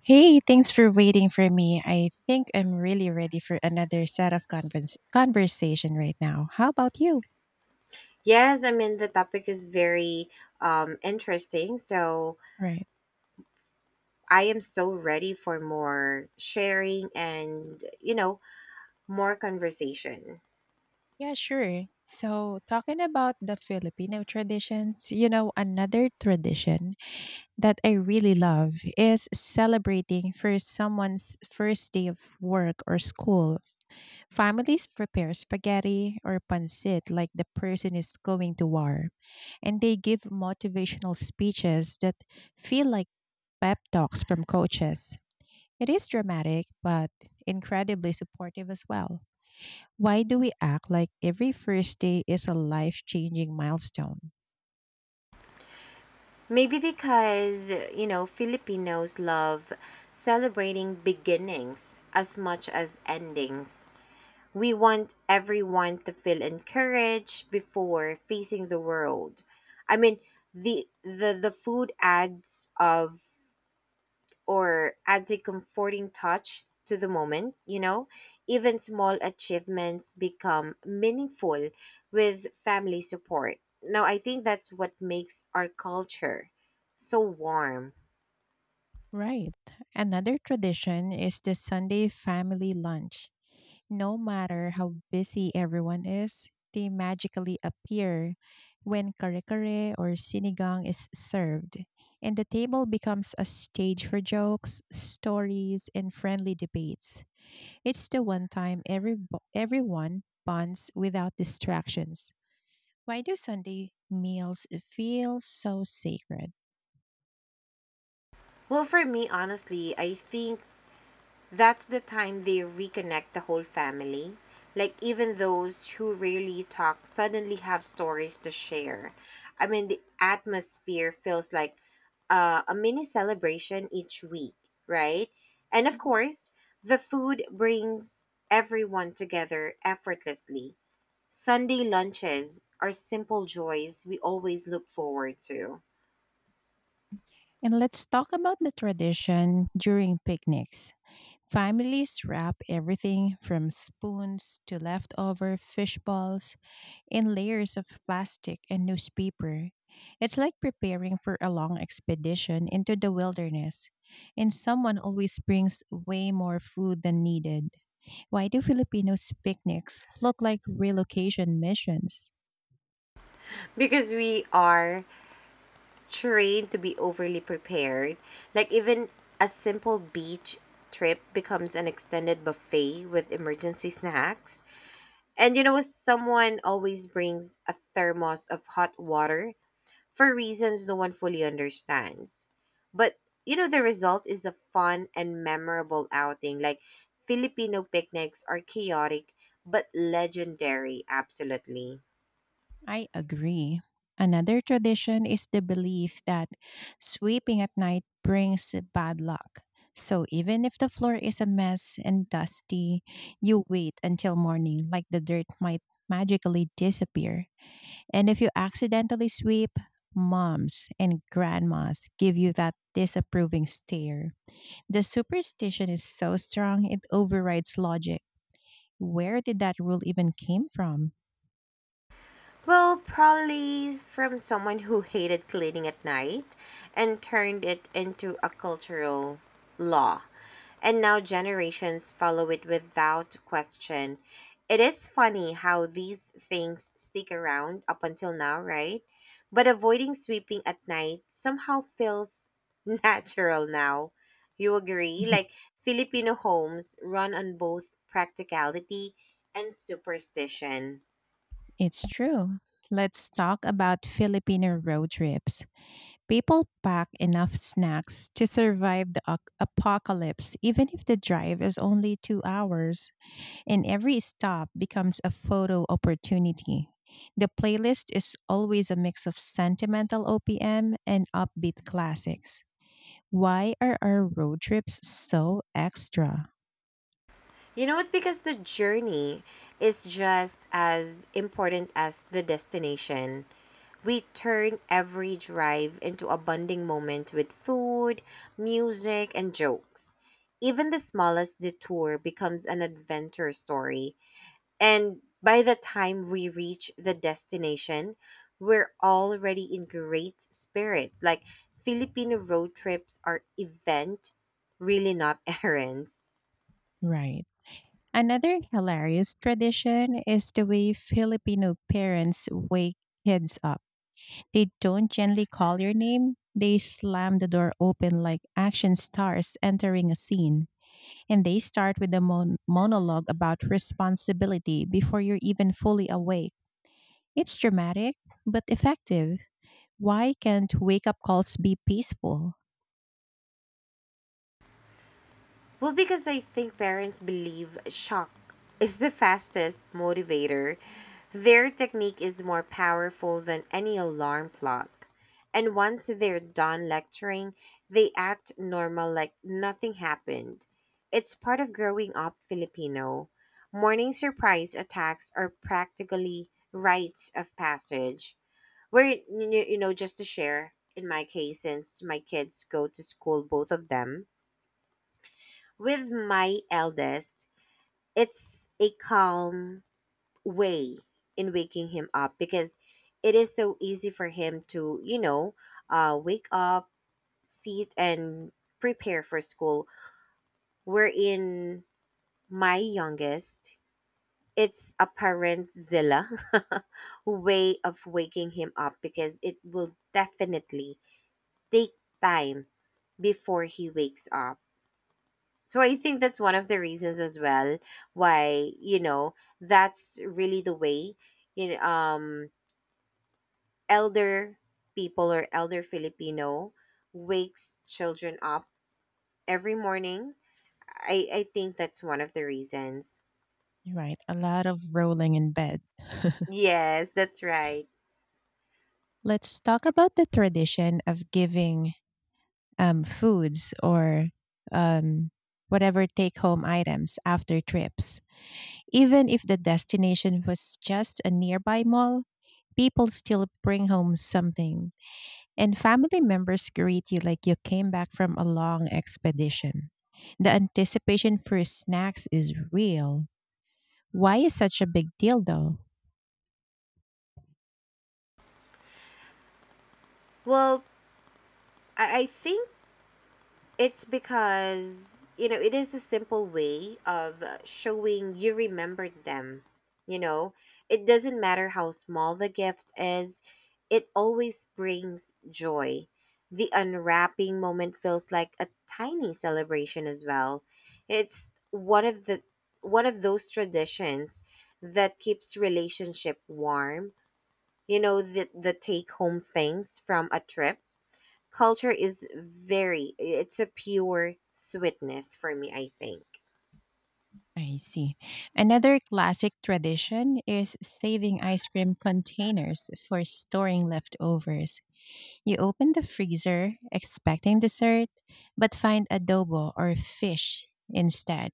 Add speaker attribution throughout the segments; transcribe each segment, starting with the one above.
Speaker 1: Hey, thanks for waiting for me. I think I'm really ready for another set of conversation right now. How about you?
Speaker 2: Yes, I mean, the topic is very interesting. So
Speaker 1: Right.
Speaker 2: I am so ready for more sharing and, more conversation.
Speaker 1: Yeah, sure. So, talking about the Filipino traditions, you know, another tradition that I really love is celebrating for someone's first day of work or school. Families prepare spaghetti or pancit like the person is going to war, and they give motivational speeches that feel like pep talks from coaches. It is dramatic, but incredibly supportive as well. Why do we act like every first day is a life changing milestone?
Speaker 2: Maybe because, Filipinos love celebrating beginnings as much as endings. We want everyone to feel encouraged before facing the world. I mean, the food adds of or adds a comforting touch to the moment, you know? Even small achievements become meaningful with family support. Now, I think that's what makes our culture so warm.
Speaker 1: Right. Another tradition is the Sunday family lunch. No matter how busy everyone is, they magically appear when kare kare or sinigang is served, and the table becomes a stage for jokes, stories, and friendly debates. It's the one time everyone bonds without distractions. Why do Sunday meals feel so sacred?
Speaker 2: Well, for me, honestly, I think that's the time they reconnect the whole family. Like, even those who rarely talk suddenly have stories to share. I mean, the atmosphere feels like a mini celebration each week, right? And of
Speaker 1: Mhm.
Speaker 2: course, the food brings everyone together effortlessly. Sunday lunches are simple joys we always look forward to
Speaker 1: And let's talk about the tradition during picnics. Families wrap everything from spoons to leftover fish balls in layers of plastic and newspaper. It's like preparing for a long expedition into the wilderness, and someone always brings way more food than needed. Why do Filipinos' picnics look like relocation missions?
Speaker 2: because we are trained to be overly prepared. Like even a simple beach trip becomes an extended buffet with emergency snacks. And someone always brings a thermos of hot water for reasons no one fully understands. But the result is a fun and memorable outing. Like Filipino picnics are chaotic but legendary, absolutely.
Speaker 1: I agree. Another tradition is the belief that sweeping at night brings bad luck. So even if the floor is a mess and dusty, you wait until morning like the dirt might magically disappear. And if you accidentally sweep, moms and grandmas give you that disapproving stare. The superstition is so strong it overrides logic. Where did that rule even came from?
Speaker 2: Well, probably from someone who hated cleaning at night and turned it into a cultural law. And now generations follow it without question. It is funny how these things stick around up until now, right? But avoiding sweeping at night somehow feels natural now. You agree? Like Filipino homes run on both practicality and superstition.
Speaker 1: It's true. Let's talk about Filipino road trips. People pack enough snacks to survive the apocalypse, even if the drive is only 2 hours, and every stop becomes a photo opportunity. The playlist is always a mix of sentimental OPM and upbeat classics. Why are our road trips so extra?
Speaker 2: You know what? Because the journey is just as important as the destination. We turn every drive into a bonding moment with food, music, and jokes. Even the smallest detour becomes an adventure story. And by the time we reach the destination, we're already in great spirits. Like Filipino road trips are event, really not errands.
Speaker 1: Right. Another hilarious tradition is the way Filipino parents wake kids up. They don't gently call your name, they slam the door open like action stars entering a scene. And they start with a monologue about responsibility before you're even fully awake. It's dramatic, but effective. Why can't wake up calls be peaceful?
Speaker 2: Well, because I think parents believe shock is the fastest motivator. Their technique is more powerful than any alarm clock. And once they're done lecturing, they act normal like nothing happened. It's part of growing up Filipino. Morning surprise attacks are practically rites of passage. Where, just to share, in my case, since my kids go to school, both of them, with my eldest, it's a calm way in waking him up because it is so easy for him to, wake up, sit, and prepare for school. Wherein my youngest, it's a parent zilla way of waking him up because it will definitely take time before he wakes up. So I think that's one of the reasons as well why, that's really the way you know, um elder people or elder Filipino wakes children up every morning. I think that's one of the reasons.
Speaker 1: Right. A lot of rolling in bed.
Speaker 2: Yes, that's right.
Speaker 1: Let's talk about the tradition of giving foods or um, whatever take home items after trips. Even if the destination was just a nearby mall, people still bring home something, and family members greet you like you came back from a long expedition. The anticipation for snacks is real. Why is such a big deal though?
Speaker 2: Well, I think it's because, it is a simple way of showing you remembered them. You know, it doesn't matter how small the gift is, it always brings joy. The unwrapping moment feels like a tiny celebration as well. It's one of those traditions that keeps relationship warm. The take home things from a trip. Culture is very, it's a pure sweetness for me, I think.
Speaker 1: I see. Another classic tradition is saving ice cream containers for storing leftovers. You open the freezer expecting dessert, but find adobo or fish instead.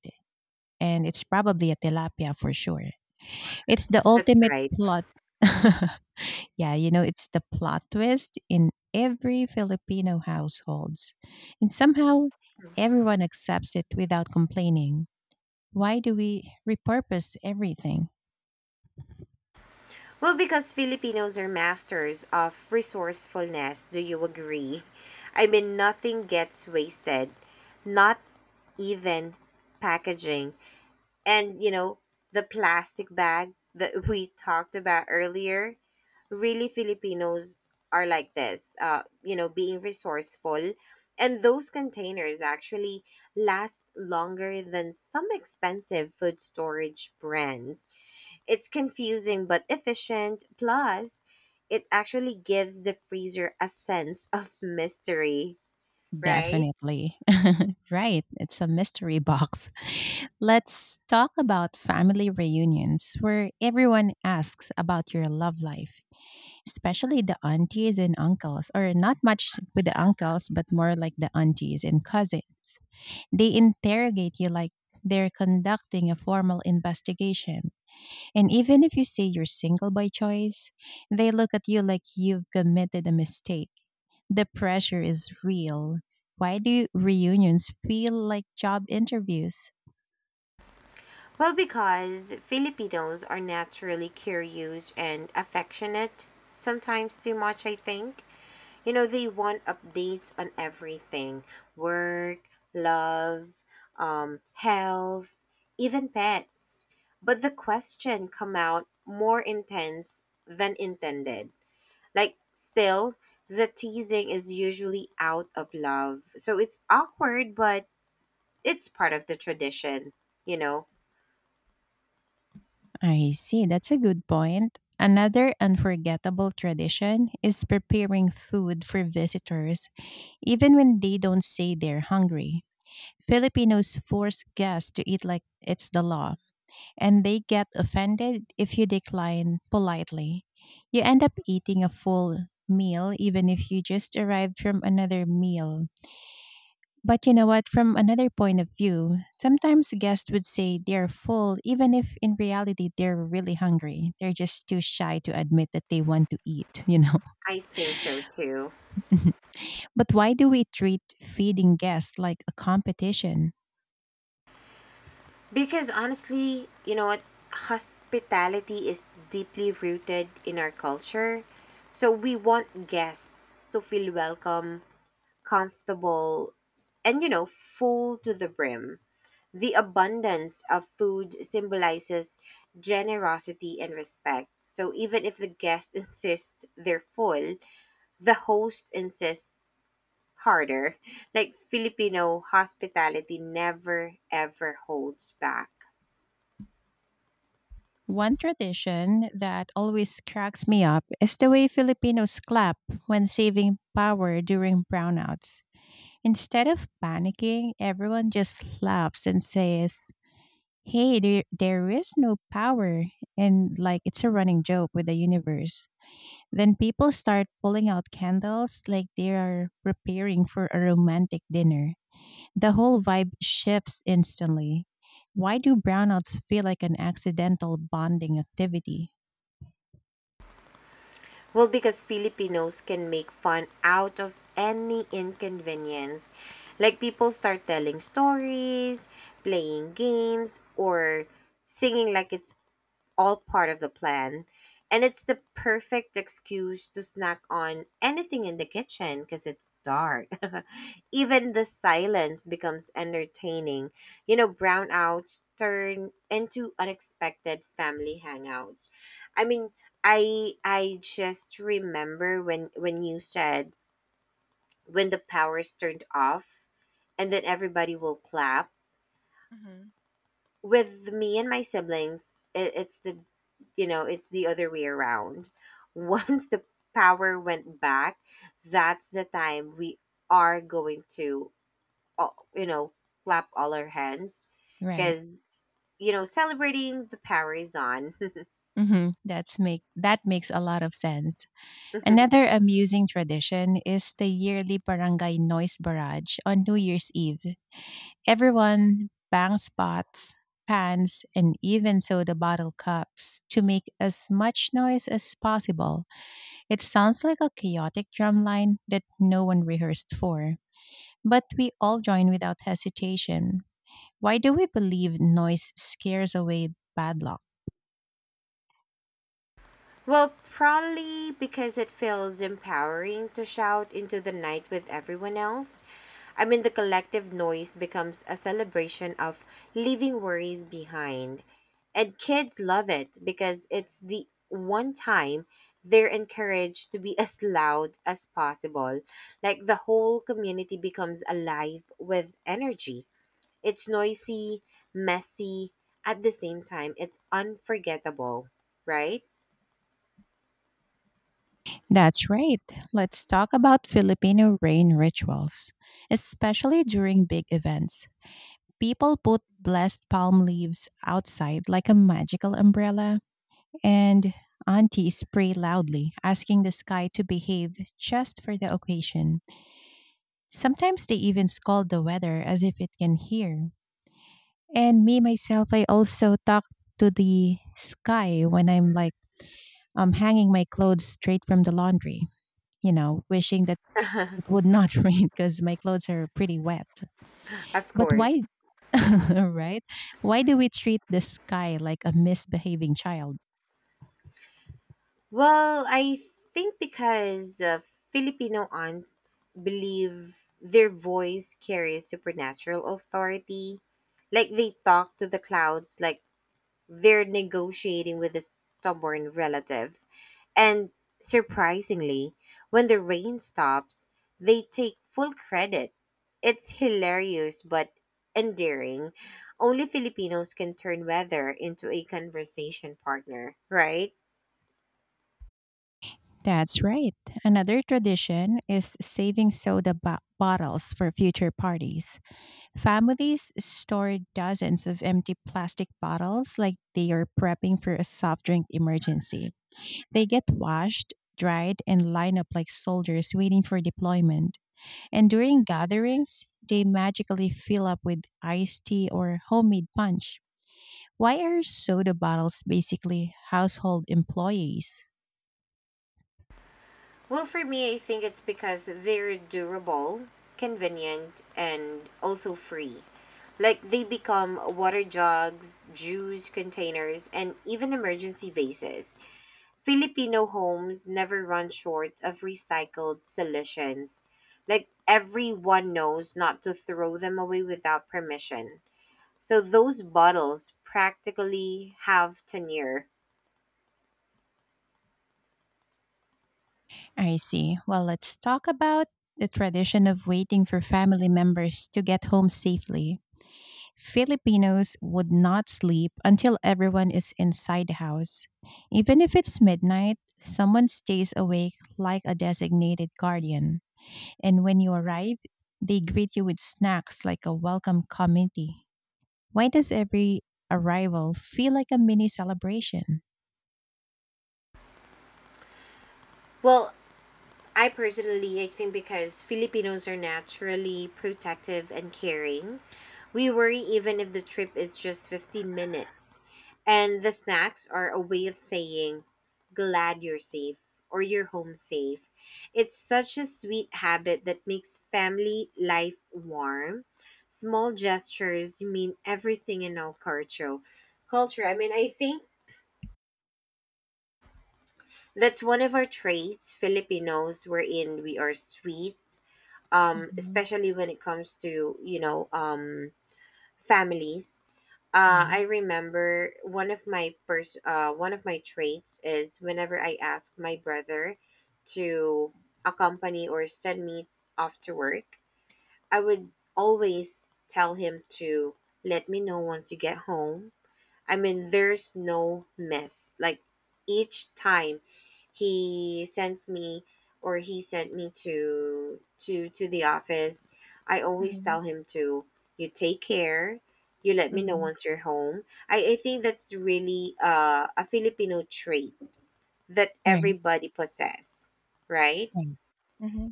Speaker 1: And it's probably a tilapia for sure. It's the
Speaker 2: That's
Speaker 1: ultimate
Speaker 2: right.
Speaker 1: plot. Yeah, you know, it's the plot twist in every Filipino households. And somehow everyone accepts it without complaining. Why do we repurpose everything?
Speaker 2: Well, because Filipinos are masters of resourcefulness, do you agree? I mean, nothing gets wasted, not even packaging. And, the plastic bag that we talked about earlier, really Filipinos are like this, being resourceful. And those containers actually last longer than some expensive food storage brands. It's confusing but efficient. Plus, it actually gives the freezer a sense of mystery, right?
Speaker 1: Definitely. Right. It's a mystery box. Let's talk about family reunions where everyone asks about your love life, especially the aunties and uncles, or not much with the uncles, but more like the aunties and cousins. They interrogate you like they're conducting a formal investigation. And even if you say you're single by choice, they look at you like you've committed a mistake. The pressure is real. Why do reunions feel like job interviews?
Speaker 2: Well, because Filipinos are naturally curious and affectionate, sometimes too much, I think. They want updates on everything work, love, health, even pets. But the question come out more intense than intended. Like, still, the teasing is usually out of love. So it's awkward, but it's part of the tradition, you know?
Speaker 1: I see, that's a good point. Another unforgettable tradition is preparing food for visitors. Even when they don't say they're hungry, Filipinos force guests to eat like it's the law, and they get offended if you decline politely. You end up eating a full meal even if you just arrived from another meal. But you know what? From another point of view, sometimes guests would say they're full, even if in reality they're really hungry. They're just too shy to admit that they want to eat, you know?
Speaker 2: I think so too.
Speaker 1: But why do we treat feeding guests like a competition?
Speaker 2: Because honestly, you know what? Hospitality is deeply rooted in our culture. So we want guests to feel welcome, comfortable, and, full to the brim. The abundance of food symbolizes generosity and respect. So even if the guest insists they're full, the host insists harder. Like Filipino hospitality never ever holds back.
Speaker 1: One tradition that always cracks me up is the way Filipinos clap when saving power during brownouts. Instead of panicking, everyone just laughs and says, "Hey, there is no power." And like it's a running joke with the universe. Then people start pulling out candles like they are preparing for a romantic dinner. The whole vibe shifts instantly. Why do brownouts feel like an accidental bonding activity?
Speaker 2: Well, because Filipinos can make fun out of any inconvenience. Like people start telling stories, playing games, or singing like it's all part of the plan. And it's the perfect excuse to snack on anything in the kitchen because it's dark. Even the silence becomes entertaining. Brownouts turn into unexpected family hangouts. I mean, I just remember when you said when the power's turned off and then everybody will clap with me and my siblings, it, it's the you know, it's the other way around. Once the power went back, that's the time we are going to uh, you know, clap all our hands
Speaker 1: Right.
Speaker 2: cuz celebrating the power is on.
Speaker 1: Hmm. That makes a lot of sense. Another amusing tradition is the yearly barangay noise barrage on New Year's Eve. Everyone bangs pots, pans, and even soda bottle cups to make as much noise as possible. It sounds like a chaotic drum line that no one rehearsed for, but we all join without hesitation. Why do we believe noise scares away bad luck?
Speaker 2: Well, probably because it feels empowering to shout into the night with everyone else. I mean, the collective noise becomes a celebration of leaving worries behind. And kids love it because it's the one time they're encouraged to be as loud as possible. Like the whole community becomes alive with energy. It's noisy, messy, at the same time, it's unforgettable, right?
Speaker 1: That's right. Let's talk about Filipino rain rituals. Especially during big events, people put blessed palm leaves outside like a magical umbrella, and aunties pray loudly, asking the sky to behave just for the occasion. Sometimes they even scold the weather as if it can hear. And me, myself, I also talk to the sky when I'm like, hanging my clothes straight from the laundry, you know, wishing that it would not rain because my clothes are pretty wet.
Speaker 2: Of
Speaker 1: But
Speaker 2: course.
Speaker 1: why, right? Why do we treat the sky like a misbehaving child?
Speaker 2: Well, I think because Filipino aunts believe their voice carries supernatural authority. Like they talk to the clouds, like they're negotiating with a stubborn relative. And surprisingly, when the rain stops, they take full credit. It's hilarious but endearing. Only Filipinos can turn weather into a conversation partner, right?
Speaker 1: That's right. Another tradition is saving soda bottles for future parties. Families store dozens of empty plastic bottles like they are prepping for a soft drink emergency. They get washed, dried, and line up like soldiers waiting for deployment. And during gatherings, they magically fill up with iced tea or homemade punch. Why are soda bottles basically household employees?
Speaker 2: Well, for me, I think it's because they're durable, convenient, and also free. Like they become water jugs, juice containers, and even emergency vases. Filipino homes never run short of recycled solutions. Like everyone knows not to throw them away without permission. So those bottles practically have tenure.
Speaker 1: I see. Well, let's talk about the tradition of waiting for family members to get home safely. Filipinos would not sleep until everyone is inside the house. Even if it's midnight, someone stays awake like a designated guardian. And when you arrive, they greet you with snacks like a welcome committee. Why does every arrival feel like a mini celebration?
Speaker 2: Well, I personally, I think because Filipinos are naturally protective and caring, we worry even if the trip is just 15 minutes. And the snacks are a way of saying, glad you're safe or you're home safe. It's such a sweet habit that makes family life warm. Small gestures mean everything in our culture. Culture, I mean, I think that's one of our traits, Filipinos, wherein we are sweet especially when it comes to families. I
Speaker 1: Yeah.
Speaker 2: remember one of my traits is whenever I ask my brother to accompany or send me off to work, I would always tell him to let me know once you get home. I mean, there's no miss. Like each time he sends me or he sent me to the office, I always tell
Speaker 1: Hmm.
Speaker 2: him to, you take care. You let me know
Speaker 1: Hmm.
Speaker 2: once you're home. I think that's really a Filipino trait that
Speaker 1: Right.
Speaker 2: everybody possess, right?
Speaker 1: Right. Hmm.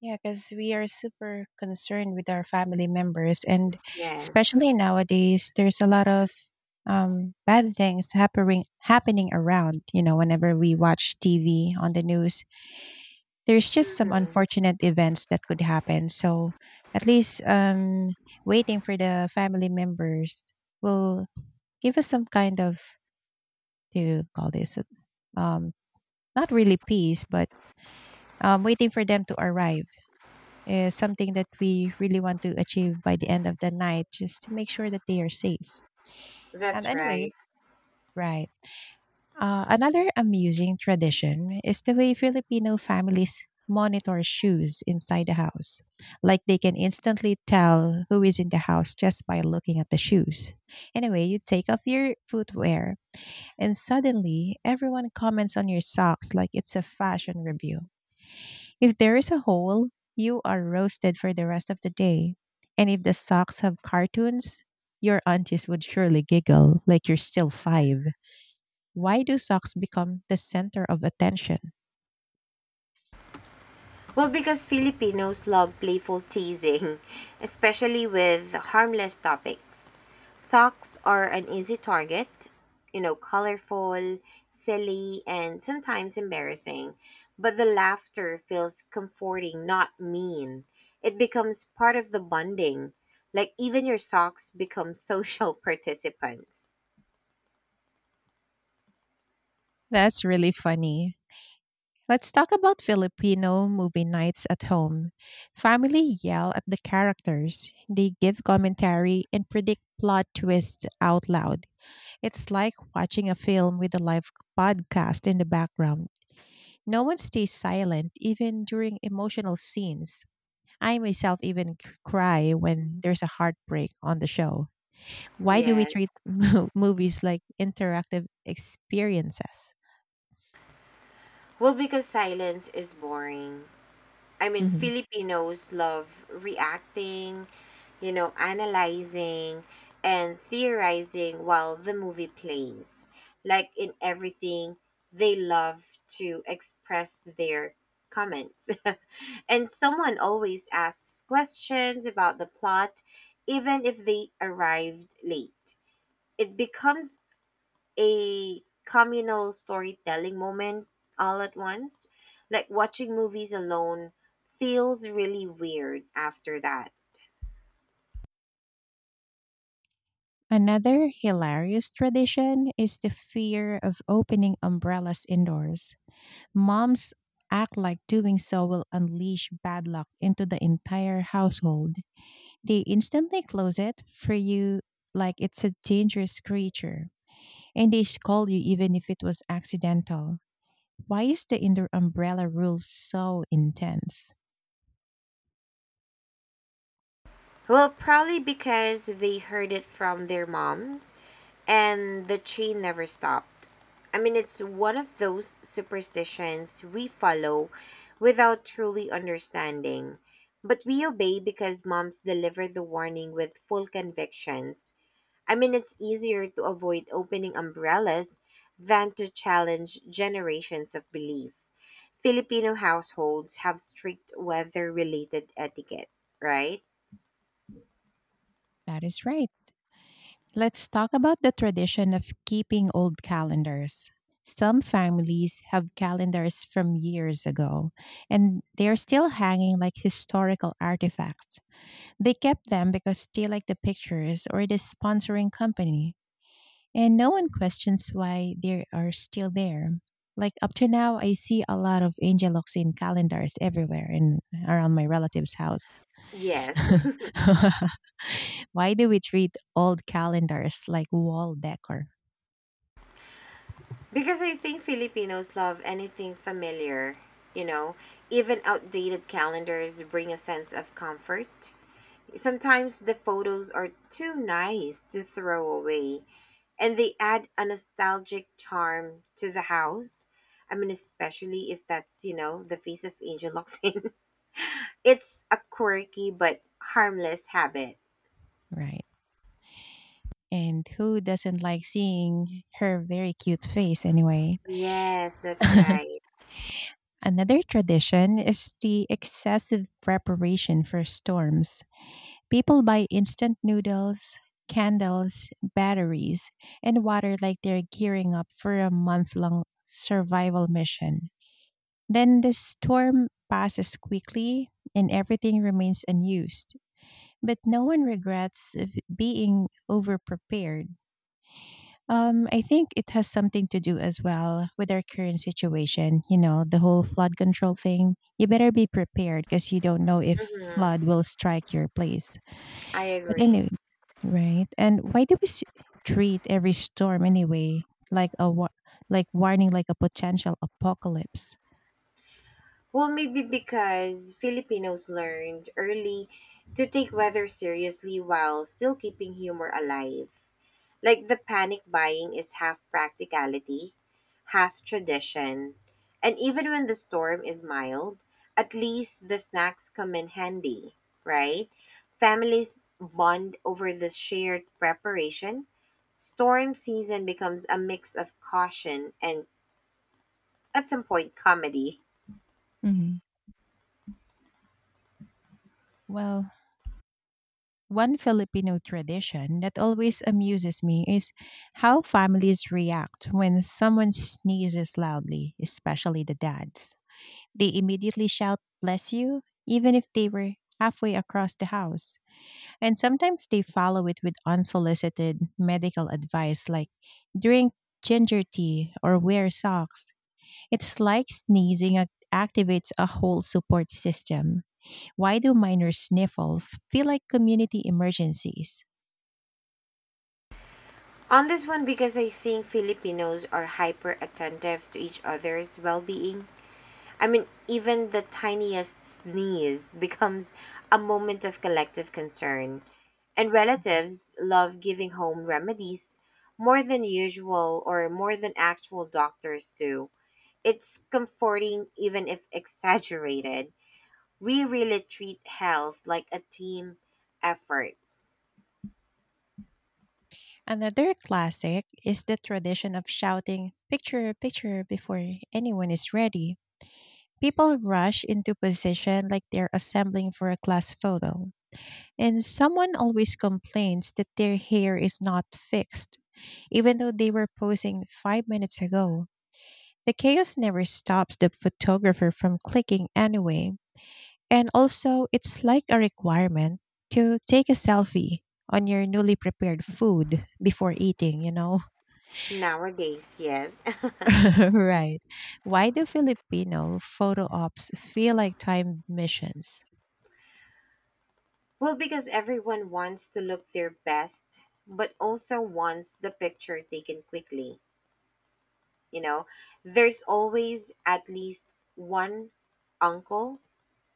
Speaker 1: Yeah, because we are super concerned with our family members, and
Speaker 2: Yes,
Speaker 1: especially nowadays, there's a lot of bad things happening around. You know, whenever we watch TV on the news, there's just some unfortunate events that could happen. So, at least waiting for the family members will give us some kind of, to call this, um, not really peace, but waiting for them to arrive is something that we really want to achieve by the end of the night just to make sure that they are safe. And
Speaker 2: that's
Speaker 1: anyway,
Speaker 2: right.
Speaker 1: right. Another amusing tradition is the way Filipino families monitor shoes inside the house. Like they can instantly tell who is in the house just by looking at the shoes. Anyway, you take off your footwear and suddenly everyone comments on your socks like it's a fashion review. If there is a hole, you are roasted for the rest of the day. And if the socks have cartoons, your aunties would surely giggle like you're still five. Why do socks become the center of attention?
Speaker 2: Well, because Filipinos love playful teasing, especially with harmless topics. Socks are an easy target, colorful, silly, and sometimes embarrassing. But the laughter feels comforting, not mean. It becomes part of the bonding. Like, even your socks become social participants.
Speaker 1: That's really funny. Let's talk about Filipino movie nights at home. Family yell at the characters, they give commentary and predict plot twists out loud. It's like watching a film with a live podcast in the background. No one stays silent even during emotional scenes. I myself even cry when there's a heartbreak on the show. Why do we treat
Speaker 2: Yes.
Speaker 1: movies like interactive experiences?
Speaker 2: Well, because silence is boring. I mean,
Speaker 1: Hmm.
Speaker 2: Filipinos love reacting, analyzing and theorizing while the movie plays. Like in everything, they love to express their comments. And someone always asks questions about the plot, even if they arrived late. It becomes a communal storytelling moment all at once. Like watching movies alone feels really weird after that.
Speaker 1: Another hilarious tradition is the fear of opening umbrellas indoors. Moms act like doing so will unleash bad luck into the entire household. They instantly close it for you like it's a dangerous creature, and they scold you even if it was accidental. Why is the indoor umbrella rule so intense?
Speaker 2: Well, probably because they heard it from their moms and the chain never stopped. I mean, it's one of those superstitions we follow without truly understanding, but we obey because moms deliver the warning with full convictions. I mean, it's easier to avoid opening umbrellas than to challenge generations of belief. Filipino households have strict weather related etiquette, right?
Speaker 1: That is right. Let's talk about the tradition of keeping old calendars. Some families have calendars from years ago, and they are still hanging like historical artifacts. They kept them because they like the pictures or the sponsoring company, and no one questions why they are still there. Like up to now, I see a lot of Angeloxin calendars everywhere and around my relative's house.
Speaker 2: Yes.
Speaker 1: Why do we treat old calendars like wall decor?
Speaker 2: Because I think Filipinos love anything familiar, you know, even outdated calendars bring a sense of comfort. Sometimes the photos are too nice to throw away, and they add a nostalgic charm to the house. I mean, especially if that's, the face of Angel Locsin. It's a quirky but harmless habit.
Speaker 1: Right. And who doesn't like seeing her very cute face anyway?
Speaker 2: Yes, that's right.
Speaker 1: Another tradition is the excessive preparation for storms. People buy instant noodles, candles, batteries, and water like they're gearing up for a month long survival mission. Then the storm passes quickly and everything remains unused, but no one regrets of being overprepared. I think it has something to do as well with our current situation. You know, the whole flood control thing. You better be prepared because you don't know if flood
Speaker 2: Hmm.
Speaker 1: will strike your place.
Speaker 2: I
Speaker 1: But
Speaker 2: agree.
Speaker 1: anyway, right? And why do we treat every storm anyway like a warning, like a potential apocalypse?
Speaker 2: Well, maybe because Filipinos learned early to take weather seriously while still keeping humor alive. Like the panic buying is half practicality, half tradition. And even when the storm is mild, at least the snacks come in handy, right? Families bond over the shared preparation. Storm season becomes a mix of caution and, at some point, comedy.
Speaker 1: Hmm. Well, one Filipino tradition that always amuses me is how families react when someone sneezes loudly, especially the dads. They immediately shout, "Bless you," even if they were halfway across the house. And sometimes they follow it with unsolicited medical advice like drink ginger tea or wear socks. It's like sneezing activates a whole support system. Why do minor sniffles feel like community emergencies?
Speaker 2: On this one, because I think Filipinos are hyper attentive to each other's well being. I mean, even the tiniest sneeze becomes a moment of collective concern. And
Speaker 1: Mhm.
Speaker 2: relatives love giving home remedies more than usual or more than actual doctors do. It's comforting, even if exaggerated. We really treat health like a team effort
Speaker 1: Another classic is the tradition of shouting "picture, picture" before anyone is ready. People rush into position like they're assembling for a class photo. And someone always complains that their hair is not fixed, even though they were posing 5 minutes ago. The chaos never stops the photographer from clicking anyway. And also, it's like a requirement to take a selfie on your newly prepared food before eating, you know?
Speaker 2: nowadays, yes.
Speaker 1: Right. Why do Filipino photo ops feel like time missions?
Speaker 2: Well, because everyone wants to look their best, but also wants the picture taken quickly. You know, there's always at least one uncle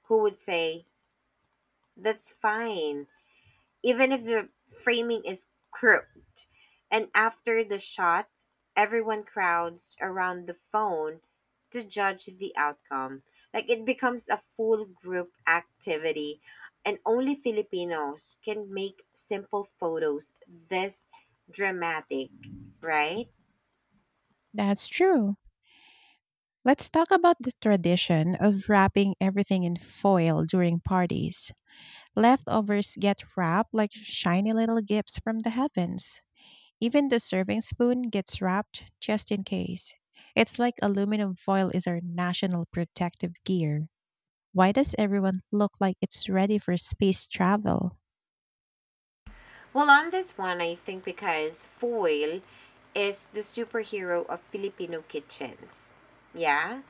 Speaker 2: who would say, that's fine even if the framing is crooked. And after the shot, everyone crowds around the phone to judge the outcome. Like it becomes a full group activity, and only Filipinos can make simple photos this dramatic, right?
Speaker 1: That's true. Let's talk about the tradition of wrapping everything in foil during parties. Leftovers get wrapped like shiny little gifts from the heavens. Even the serving spoon gets wrapped just in case. It's like aluminum foil is our national protective gear. Why does everyone look like it's ready for space travel?
Speaker 2: Well, on this one, I think because foil is the superhero of Filipino kitchens. Yeah?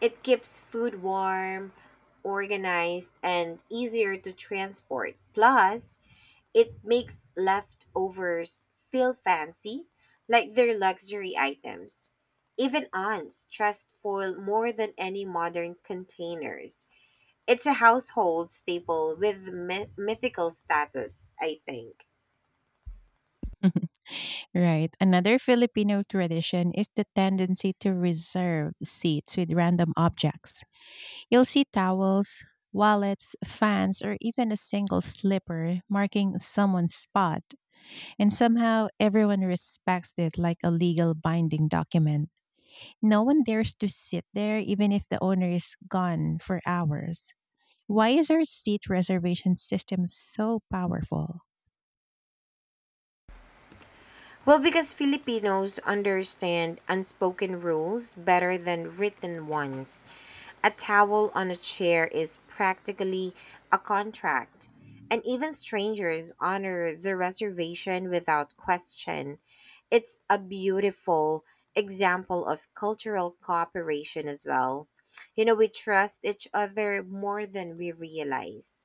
Speaker 2: It keeps food warm, organized, and easier to transport. Plus, it makes leftovers feel fancy, like they're luxury items. Even aunts trust foil more than any modern containers. It's a household staple with mythical status, I think.
Speaker 1: Right. Another Filipino tradition is the tendency to reserve seats with random objects. You'll see towels, wallets, fans, or even a single slipper marking someone's spot, and somehow everyone respects it like a legal binding document. No one dares to sit there even if the owner is gone for hours. Why is our seat reservation system so powerful?
Speaker 2: Well, because Filipinos understand unspoken rules better than written ones. A towel on a chair is practically a contract, and even strangers honor the reservation without question. It's a beautiful example of cultural cooperation as well. We trust each other more than we realize.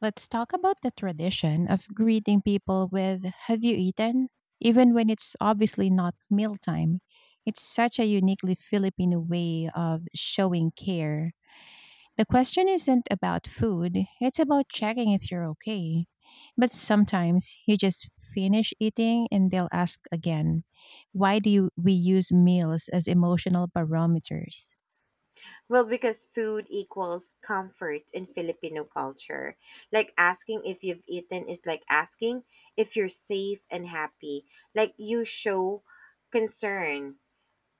Speaker 1: Let's talk about the tradition of greeting people with "Have you eaten?" even when it's obviously not mealtime. It's such a uniquely Filipino way of showing care. The question isn't about food, it's about checking if you're okay. But sometimes you just finish eating and they'll ask again, why do you, we use meals as emotional barometers?
Speaker 2: Well, because food equals comfort in Filipino culture. Like asking if you've eaten is like asking if you're safe and happy. Like you show concern,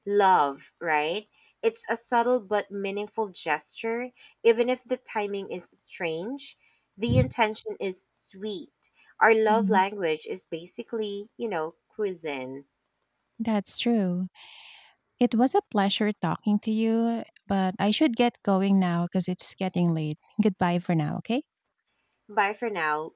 Speaker 2: love, right? It's a subtle but meaningful gesture. Even if the timing is strange, the intention is sweet. Our love
Speaker 1: Mhm.
Speaker 2: language is basically, cuisine.
Speaker 1: That's true. It was a pleasure talking to you, but I should get going now because it's getting late. Goodbye for now, okay?
Speaker 2: Bye for now.